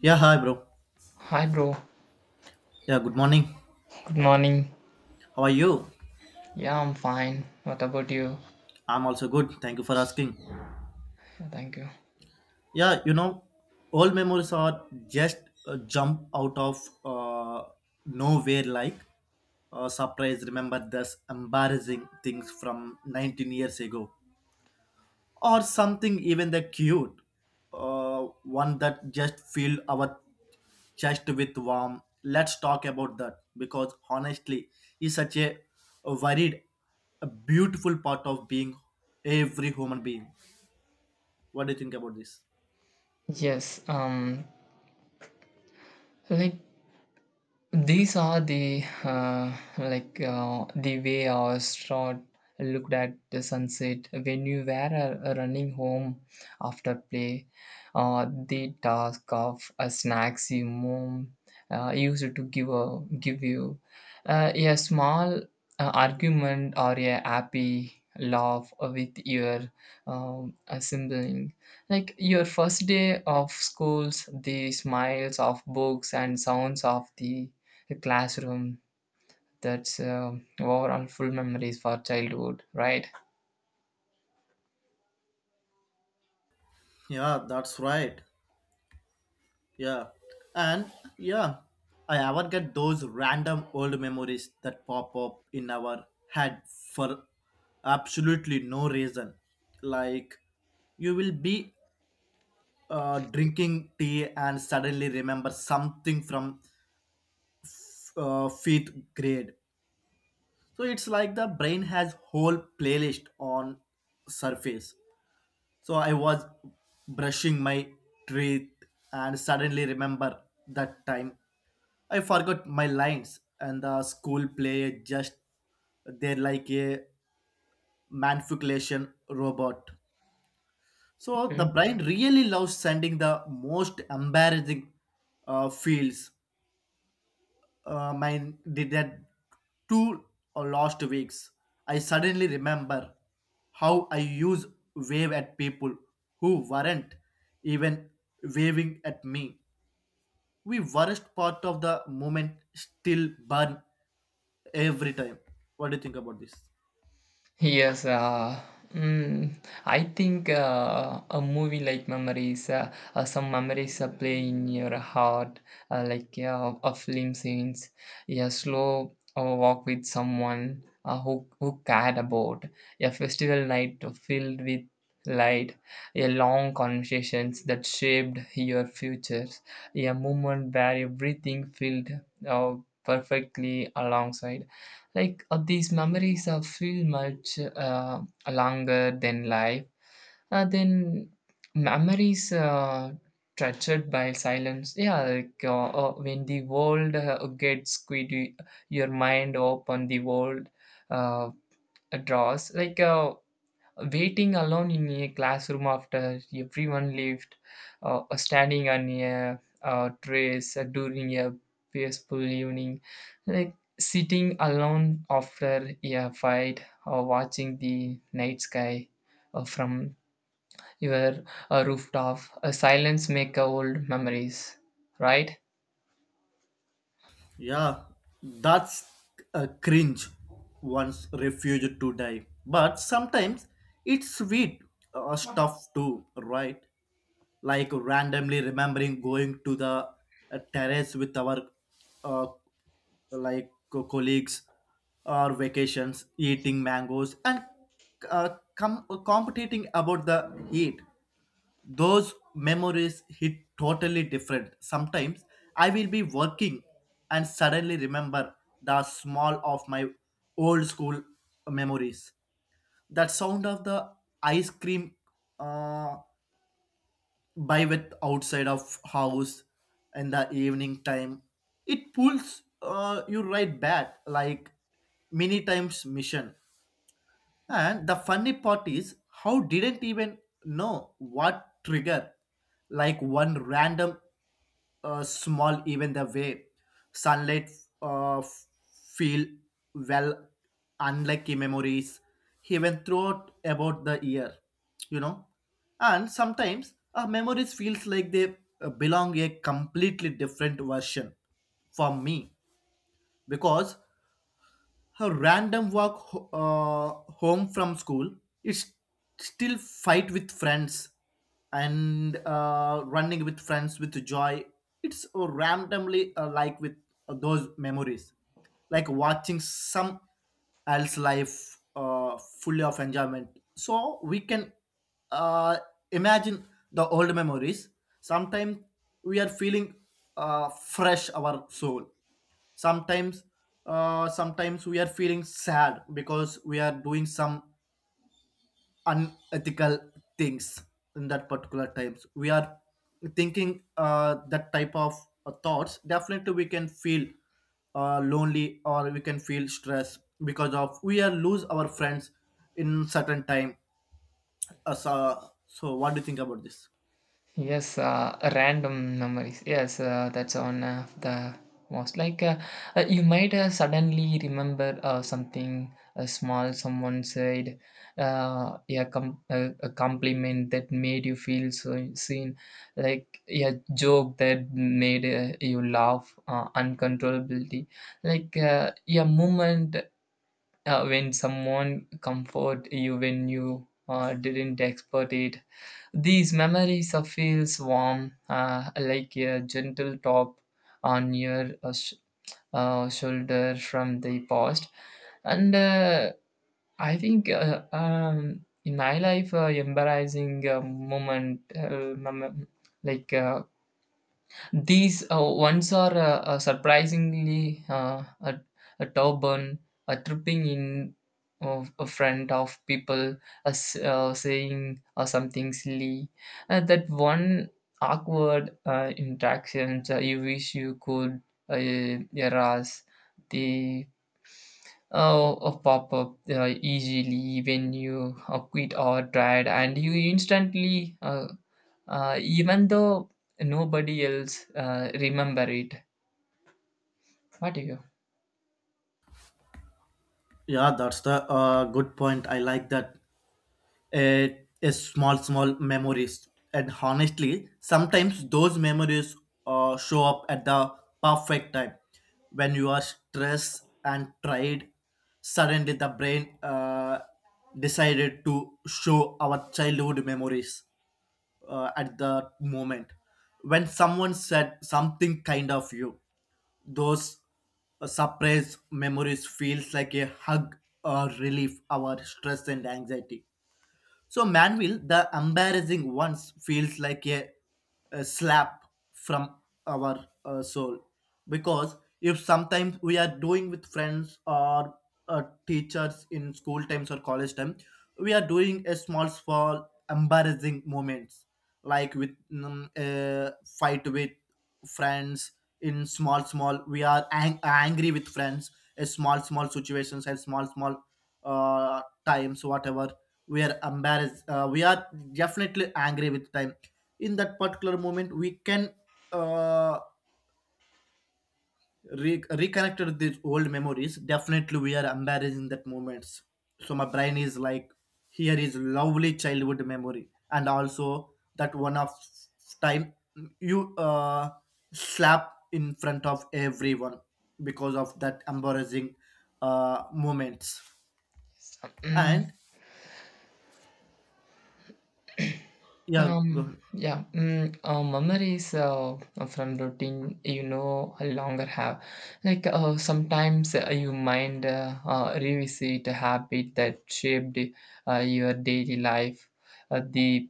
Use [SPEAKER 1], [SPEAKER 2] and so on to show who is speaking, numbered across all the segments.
[SPEAKER 1] Yeah, hi, bro.
[SPEAKER 2] Hi, bro.
[SPEAKER 1] Yeah, good morning.
[SPEAKER 2] Good morning.
[SPEAKER 1] How are you?
[SPEAKER 2] Yeah, I'm fine. What about you?
[SPEAKER 1] I'm also good. Thank you for asking.
[SPEAKER 2] Yeah, Thank you.
[SPEAKER 1] Yeah, you know, Old memories are just a jump out of uh, nowhere like a surprise. Remember this embarrassing things from 19 years ago, or something even that cute, one that just filled our chest with warm. Let's talk about that because honestly, it's such a varied, a beautiful part of being every human being. What do you think about this?
[SPEAKER 2] Yes. Like these are the way our straw looked at the sunset when you were running home after play. The task of snacks your mom used to give you a small argument or a happy laugh with your a sibling, like your first day of schools, the smiles of books and sounds of the a classroom. That's overall full memories for childhood, right?
[SPEAKER 1] Yeah, that's right. Yeah. And yeah, I ever get those random old memories that pop up in our head for absolutely no reason. Like you will be drinking tea and suddenly remember something from fifth grade. So it's like the brain has whole playlist on surface. So I was brushing my teeth and suddenly remember that time I forgot my lines and the school play just they're like a manipulation robot. So the
[SPEAKER 2] Hmm.
[SPEAKER 1] brain really loves sending the most embarrassing fields. Mine did that 2 or last weeks. I suddenly remember how I used wave at people who weren't even waving at me. We worst part of the moment still burn every time. What do you think about this?
[SPEAKER 2] Yes, mm, I think a movie like memories, some memories play in your heart, like a film scenes, a slow walk with someone who cared about, a festival night filled with light, a long conversations that shaped your futures, a moment where everything felt uh, perfectly alongside. Like these memories feel much longer than life. Then memories treasured by silence. Yeah, like when the world gets squidgy, your mind open the world uh, draws. Like waiting alone in a classroom after everyone left, or standing on a trace during a peaceful evening, like sitting alone after a fight or watching the night sky from your rooftop. A silence make old memories, right?
[SPEAKER 1] Yeah, that's a cringe. One's refused to die, but sometimes it's sweet stuff too, right? Like randomly remembering going to the terrace with our uh, colleagues, or vacations eating mangoes and uh, competing about the heat. Those memories hit totally different. Sometimes I will be working and suddenly remember the small of my old school memories, that sound of the ice cream uh, buy with outside of house in the evening time. It pulls you right back like many times mission. And the funny part is how didn't even know what trigger, like one random small, even the way sunlight uh, feel, well, unlucky memories even throughout about the year you know and sometimes our memories feels like they belong a completely different version for me, because her random walk home from school is still fight with friends, and running with friends with joy. It's randomly like with those memories, like watching some else life fully of enjoyment. So we can uh, imagine the old memories. Sometimes we are feeling fresh our soul. Sometimes uh, sometimes we are feeling sad because we are doing some unethical things. In that particular times we are thinking that type of thoughts, definitely we can feel lonely, or we can feel stress because of we are lose our friends in certain time. So what do you think about this?
[SPEAKER 2] Yes, random memories. Yes, that's one of the most. Like you might suddenly remember something small someone said, yeah, a compliment that made you feel so seen, like a joke that made you laugh uncontrollably, like a moment when someone comfort you when you didn't expect it. These memories of feels warm, like a gentle top on your shoulder from the past. And I think in my life, embarrassing moment, like uh, these ones are surprisingly a turban, a tripping in of a friend of people, a s saying something silly. That one awkward interaction you wish you could erase the pop up easily when you quit or tried, and you instantly even though nobody else remember it. What do you...
[SPEAKER 1] Yeah, that's the good point, I like that. A small small memories, and honestly sometimes those memories show up at the perfect time. When you are stressed and tired, suddenly the brain decided to show our childhood memories at the moment. When someone said something kind of you, those surprise memories feels like a hug, or relief our stress and anxiety. So Manville, the embarrassing ones, feels like a slap from our soul. Because if sometimes we are doing with friends or teachers in school times or college time, we are doing a small, small embarrassing moments like with a fight with friends. In small small we are angry with friends, a small small situations and small small times. Whatever we are embarrassed, we are definitely angry with time. In that particular moment we can uh, reconnected with these old memories. Definitely we are embarrassing that moments. So my brain is like, here is lovely childhood memory, and also that one of time you slap in front of everyone because of that embarrassing moments. And
[SPEAKER 2] Mm,
[SPEAKER 1] yeah, go ahead.
[SPEAKER 2] yeah, memories from routine, you know, I longer have. Like sometimes you mind revisit a habit that shaped your daily life. Uh, the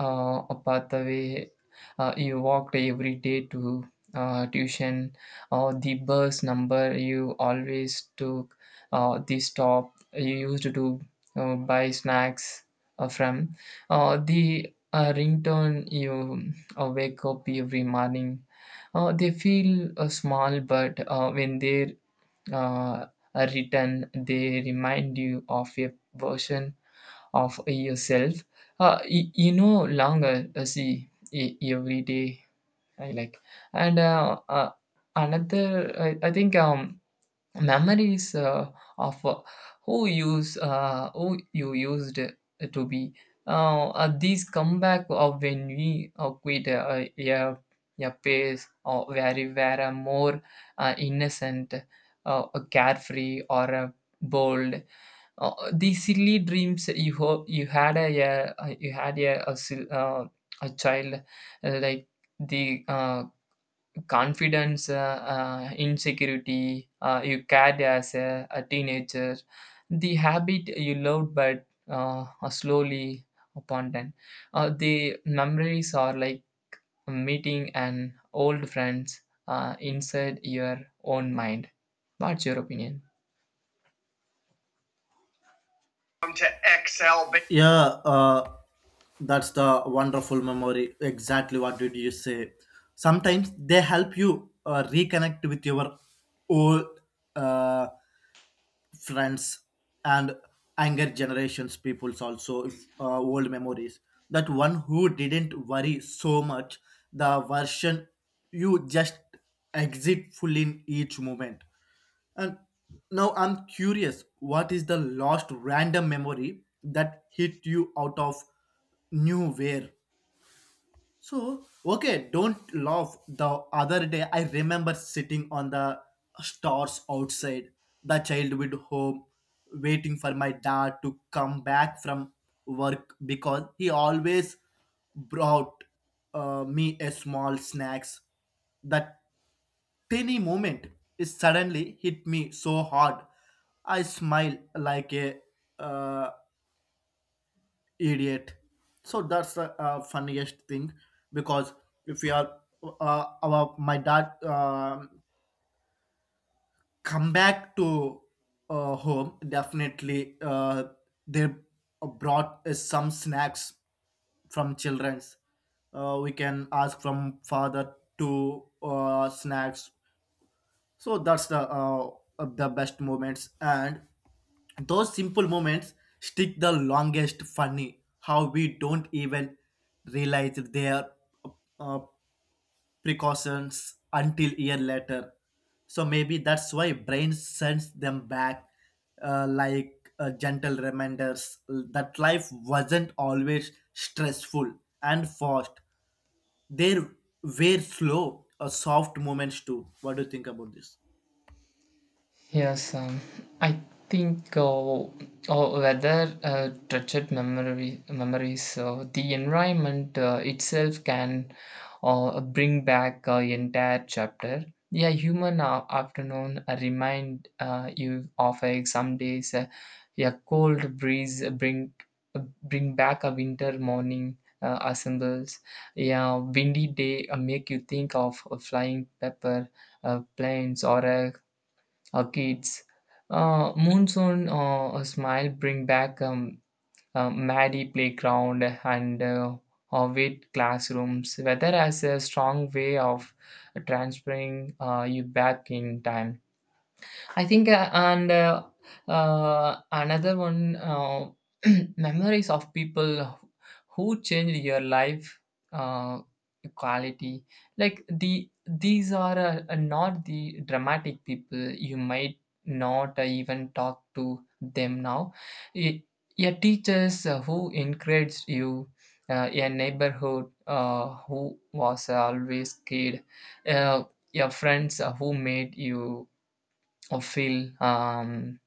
[SPEAKER 2] uh, a pathway you walked every day to tuition or the bus number you always took, the stop you used to buy snacks from the ringtone you wake up every morning. Uh, they feel small but when they're uh, are written, they remind you of a version of yourself you know longer see every day, I like. And another I think, memories of who you used to be, these comeback of when we quit uh, a, a pace or where we were more innocent, carefree or bold, the silly dreams you hope you had a a child, like the confidence, insecurity you carried as a teenager, the habit you loved but slowly upon then. Uh, the memories are like meeting an old friends inside your own mind. What's your opinion?
[SPEAKER 1] Come to XL, but yeah that's the wonderful memory. Exactly what did you say? Sometimes they help you reconnect with your old uh, friends, and anger generations peoples also, if, old memories. That one who didn't worry so much, the version you just exit full in each moment. And now I'm curious, what is the last random memory that hit you out of nowhere? So, okay, don't laugh. The other day, I remember sitting on the stars outside the childhood home, waiting for my dad to come back from work because he always brought me a small snacks. That tiny moment is suddenly hit me so hard. I smile like a uh, idiot. So that's the funniest thing, because if we are our my dad come back to home, definitely they brought some snacks from children's. We can ask from father to snacks. So that's the best moments. And those simple moments stick the longest. Funny how we don't even realize their uh, uh, precautions until year later. So maybe that's why brain sends them back, like gentle reminders that life wasn't always stressful and fast. There were slow, soft moments too. What do you think about this?
[SPEAKER 2] Yes, I think or whether treasured memories, the environment itself can bring back an entire chapter. Yeah, human afternoon remind you of some days, a cold breeze bring back a winter morning assembles. Yeah, windy day make you think of a flying pepper planes or a kids. Monsoon a smile bring back muddy playground and wet classrooms. Weather has a strong way of transferring you back in time. I think, and another one, memories of people who changed your life uh, quality. Like the these are not the dramatic people. You might not even talk to them now. Y- Your teachers who encouraged you. Your neighborhood who was always kid, uh, your friends who made you or feel um,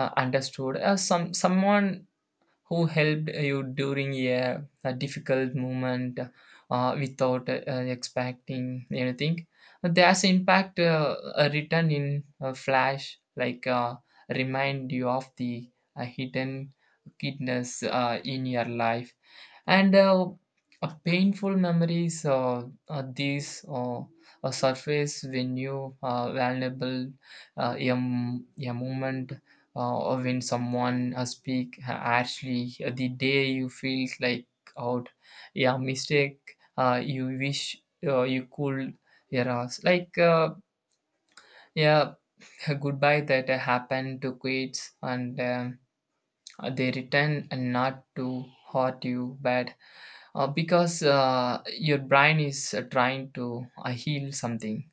[SPEAKER 2] uh, understood as someone who helped you during a difficult moment without expecting anything. There's impact written in a flash like remind you of the hidden goodness in your life. And painful memories, these surface when you are vulnerable, a moment or when someone speak, actually the day you feel like out. Yeah, mistake you wish you could erase, like yeah a goodbye that happened to kids, and they return and not to hurt you bad because your brain is trying to heal something.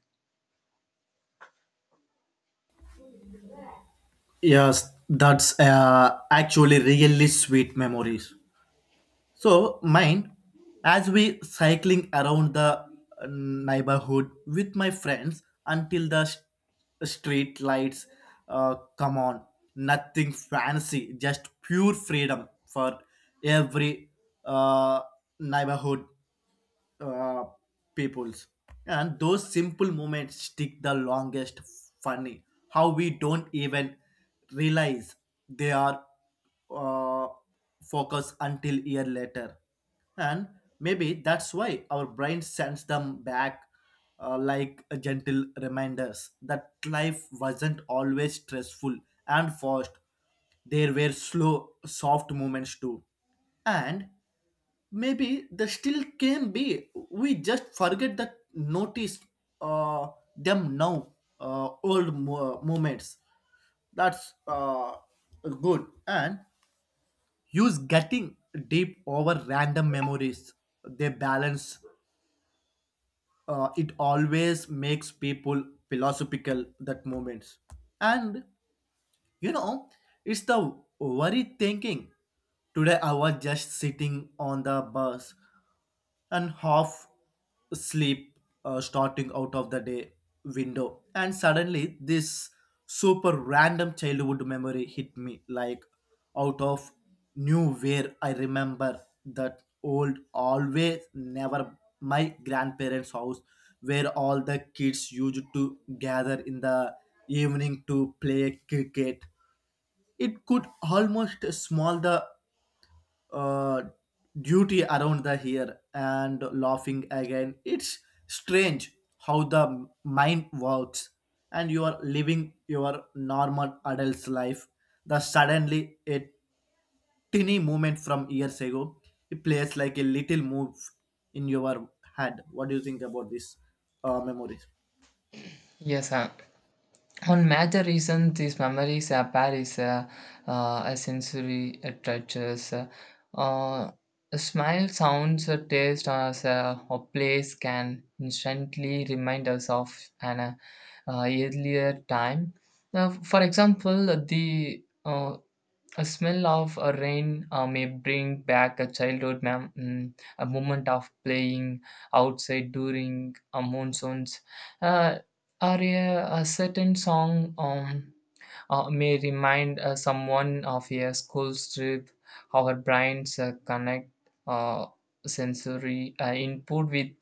[SPEAKER 1] Yes, that's actually really sweet memories. So mine, as we cycling around the neighborhood with my friends until the street lights come on. Nothing fancy, just pure freedom for every uh, neighborhood uh, peoples. And those simple moments stick the longest. Funny how we don't even realize they are uh, focused until year later. And maybe that's why our brain sends them back, like a gentle reminders that life wasn't always stressful and fast. There were slow soft moments too. And maybe they still can be, we just forget that notice uh, them now, moments. That's good. And use getting deep over random memories, they balance. It always makes people philosophical that moments. And you know it's the worry thinking. Today I was just sitting on the bus and half sleep, starting out of the day window, and suddenly this super random childhood memory hit me like out of nowhere. I remember that old always never my grandparents house, where all the kids used to gather in the evening to play cricket. It could almost smell the uh, duty around the here and laughing again. It's strange how the mind works, and you are living your normal adult's life. The suddenly a tiny moment from years ago, it plays like a little move in your head. What do you think about this memories?
[SPEAKER 2] Yes, one major reason these memories appear is a sensory touches. Uh, a smile, sounds, a taste, or as a place can instantly remind us of an earlier time. Now, for example, the a smell of a rain may bring back a childhood a moment of playing outside during monsoons. Uh, or a certain song, may remind someone of a school trip. Our brains connect uh, sensory input with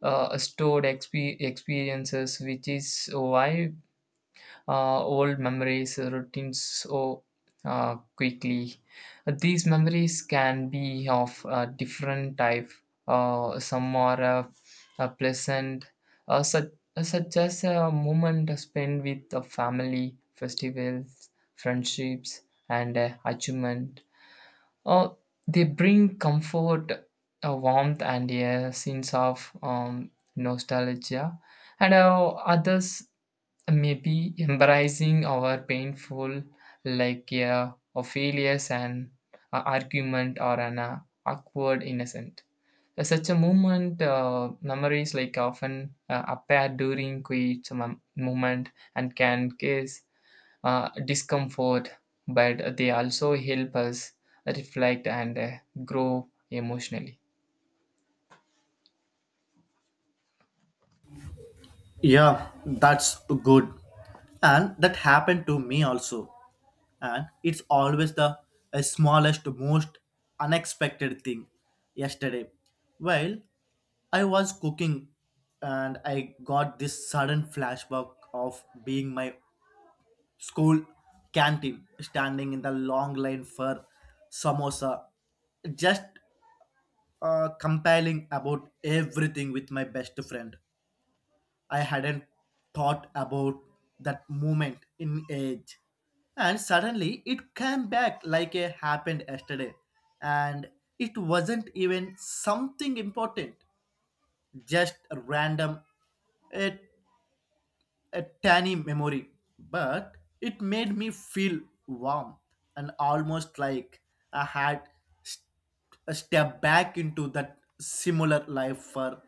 [SPEAKER 2] stored experiences, which is why old memories, routines so quickly. These memories can be of a different type. Some are pleasant, uh, such, such as a moment spent with the family, festivals, friendships, and achievement. Uh, they bring comfort, a warmth, and a sense of nostalgia, and others maybe embracing our painful, like a failures, an argument or an awkward innocent. Such a moment, memories like often appear during quiet moment and can cause discomfort, but they also help us reflect and grow emotionally.
[SPEAKER 1] Yeah, that's good. And that happened to me also. And it's always the smallest, most unexpected thing. Yesterday, while I was cooking, and I got this sudden flashback of being my school canteen, standing in the long line for samosa, just compiling about everything with my best friend. I hadn't thought about that moment in age. And suddenly it came back like it happened yesterday. And it wasn't even something important, just a random, a, a tiny memory. But it made me feel warm and almost like I had st- stepped back into that similar life for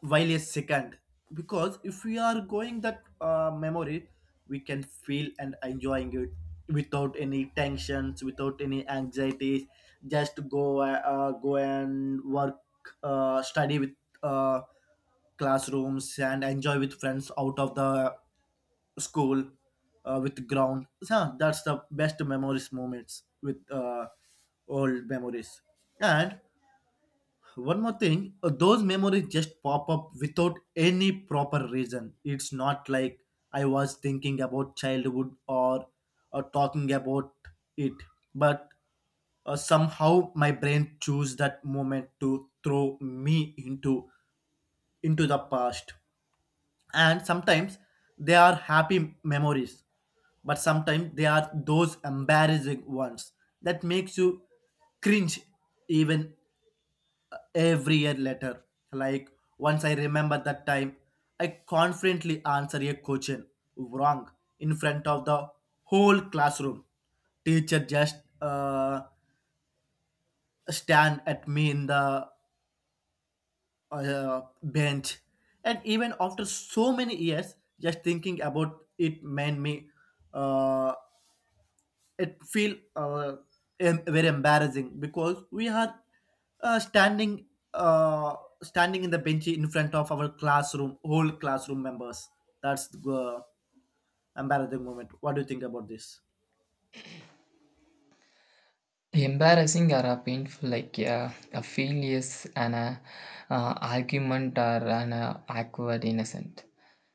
[SPEAKER 1] while a second. Because if we are going that memory, we can feel and enjoying it without any tensions, without any anxieties. Just to go go and work, study with uh, classrooms, and enjoy with friends out of the school with ground. So that's the best memories moments with old memories. And one more thing, those memories just pop up without any proper reason. It's not like I was thinking about childhood, or talking about it. But somehow my brain chose that moment to throw me into the past. And sometimes they are happy memories, but sometimes they are those embarrassing ones that makes you cringe even every year later. Like once I remember that time, I confidently answer a question wrong in front of the whole classroom. Teacher just stand at me in the bench, and even after so many years, just thinking about it made me uh, it feel, very embarrassing. Because we are uh, standing uh, standing in the bench in front of our classroom whole classroom members. That's the embarrassing moment. What do you think about this?
[SPEAKER 2] Embarrassing or a painful, like a failures, and a argument, or an awkward innocent.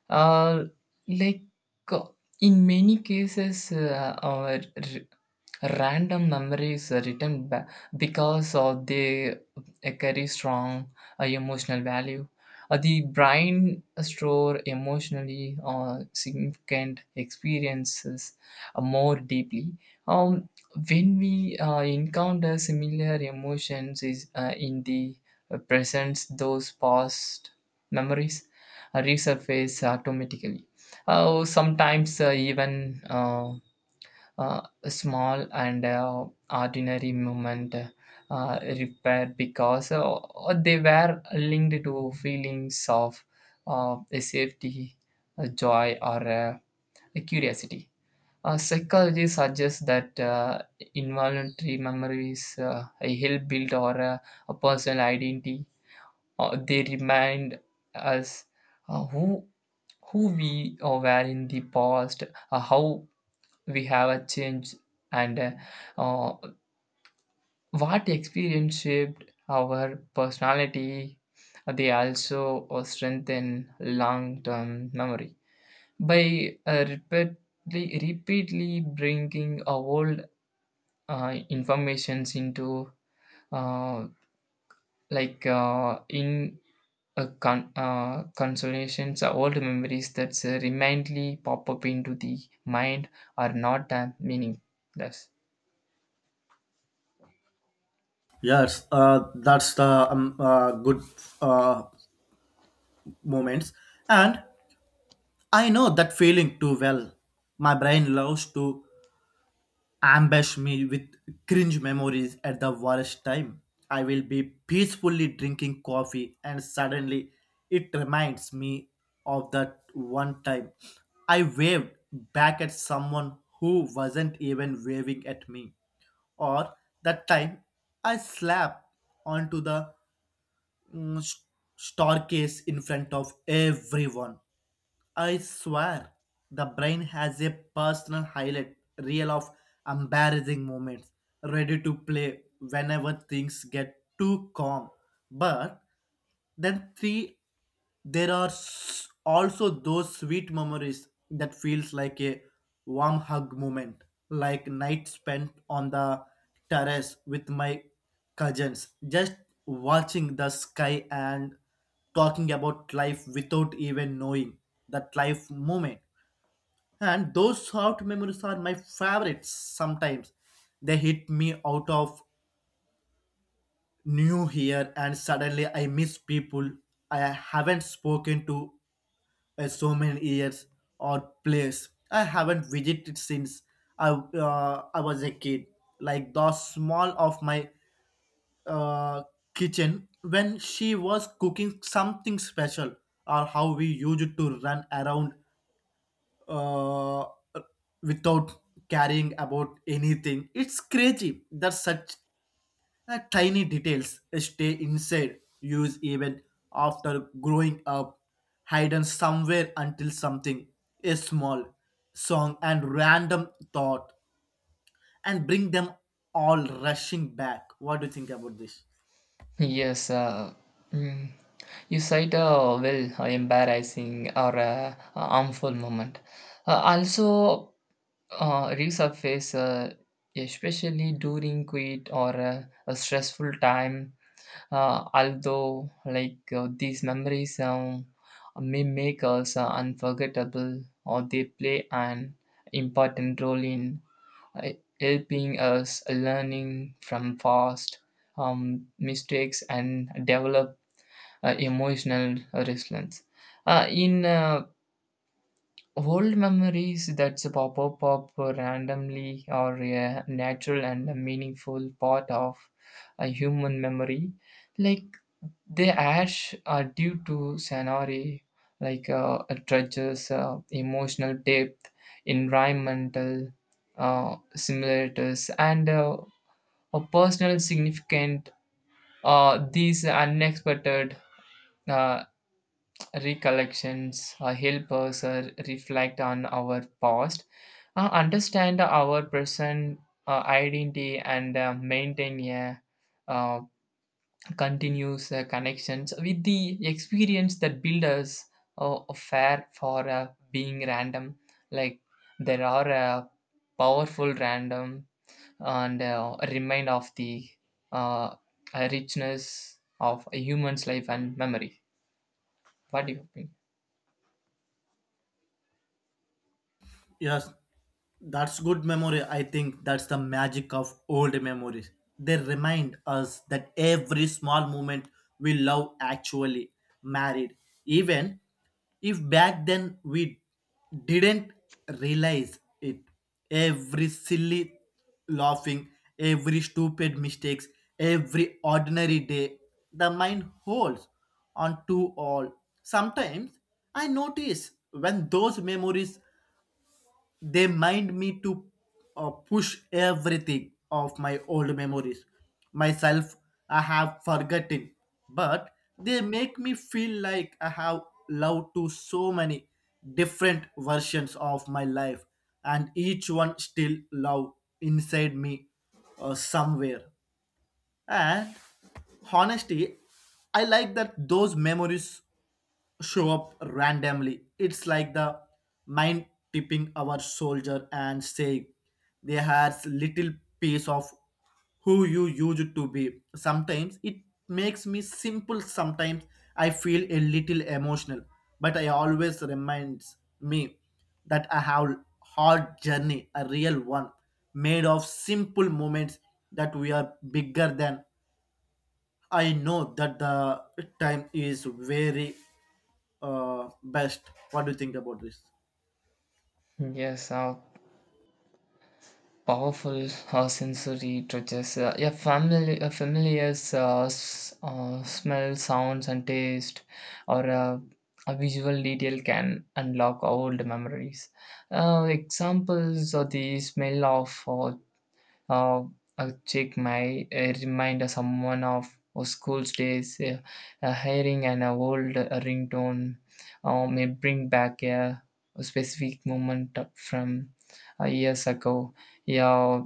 [SPEAKER 2] Uh, like uh, in many cases, our random memories are written back because of they carry strong emotional value. The brain store emotionally significant experiences more deeply. Um, when we encounter similar emotions is in the presence, those past memories resurface automatically. Sometimes even a small and ordinary movement repair because they were linked to feelings of a safety, a joy, or a curiosity. Psychology suggests that involuntary memories help build or a personal identity. They remind us uh, who who we were in the past, how we have changed, and uh, what experience shaped our personality. They also strengthen long-term memory by repeatedly bringing old informations into uh, in consolations or old memories that remindly pop up into the mind are not meaningless. Yes.
[SPEAKER 1] Yes, that's the good uh, moments. And I know that feeling too well. My brain loves to ambush me with cringe memories at the worst time. I will be peacefully drinking coffee, and suddenly it reminds me of that one time I waved back at someone who wasn't even waving at me, or that time I slapped onto the mm, st- staircase in front of everyone. I swear the brain has a personal highlight reel of embarrassing moments ready to play whenever things get too calm. But then three, there are also those sweet memories that feels like a warm hug moment, like night spent on the terrace with my cousins, just watching the sky and talking about life without even knowing that life moment. And those soft memories are my favorites sometimes. They hit me out of new here, and suddenly I miss people I haven't spoken to in so many years, or place I haven't visited since I was a kid. Like the small of my uh, kitchen when she was cooking something special, or how we used to run around uh, without caring about anything. It's crazy that such tiny details stay inside use even after growing up, hidden somewhere until something, a small song and random thought, and bring them all rushing back. What do you think about this?
[SPEAKER 2] Yes, mm, you cite a well a embarrassing or a harmful moment. Also, resurface especially during quit or a stressful time. Although these memories, may make us unforgettable, or they play an important role in uh, helping us learning from past mistakes and develop emotional resilience. In old memories that pop up randomly are a natural and a meaningful part of a human memory, like the ash are due to scenery, like treasures, emotional depth, environmental simulators, and a personal significant. These unexpected uh, recollections help us reflect on our past, understand our present identity, and maintain a uh, continuous connections with the experience that build us fair for being random, like there are powerful random and remind of the uh, richness of a human's life and memory. What do you think?
[SPEAKER 1] Yes, that's good memory. I think that's the magic of old memories. They remind us that every small moment we love actually married. Even if back then we didn't realize it. Every silly laughing, every stupid mistakes, every ordinary day, the mind holds on to all. Sometimes I notice when those memories they mind me to push everything of my old memories. Myself, I have forgotten, but they make me feel like I have loved to so many different versions of my life, and each one still love inside me somewhere. And honestly, I like that those memories show up randomly. It's like the mind tipping our soldier and saying they has little piece of who you used to be. Sometimes it makes me simple. Sometimes I feel a little emotional, but I always reminds me that I have hard journey, a real one, made of simple moments that we are bigger than. I know that the time is very best. What do you think about this?
[SPEAKER 2] Yes, powerful sensory touches. Yeah, family, a familiar smell, sounds, and taste, or a visual detail can unlock old memories. Examples of the smell of uh, a chick might remind someone of school days, hearing an old ringtone may bring back a specific moment from years ago. Yeah,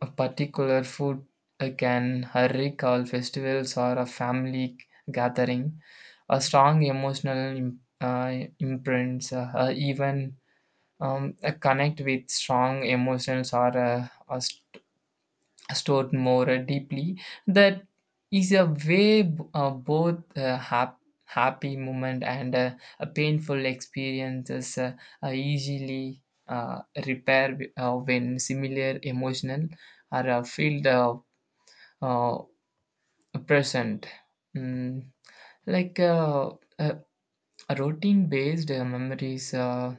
[SPEAKER 2] a particular food can recall festivals or a family gathering. A strong emotional imprints, even connect with strong emotions or are stored more deeply. That is a way both happy moment and a painful experiences are easily repair when similar emotional are filled uh, present. Mm, like uh, routine based memories, uh,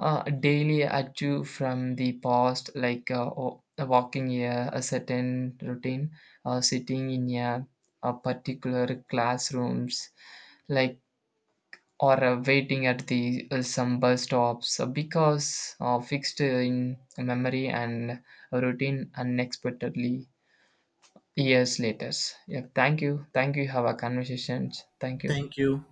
[SPEAKER 2] uh, daily achieve from the past, like walking a certain routine, sitting in a particular classrooms, like or waiting at the some bus stops because fixed in memory and routine unexpectedly years later. Yeah, thank you. Thank you. Have a conversations. Thank you.
[SPEAKER 1] Thank you.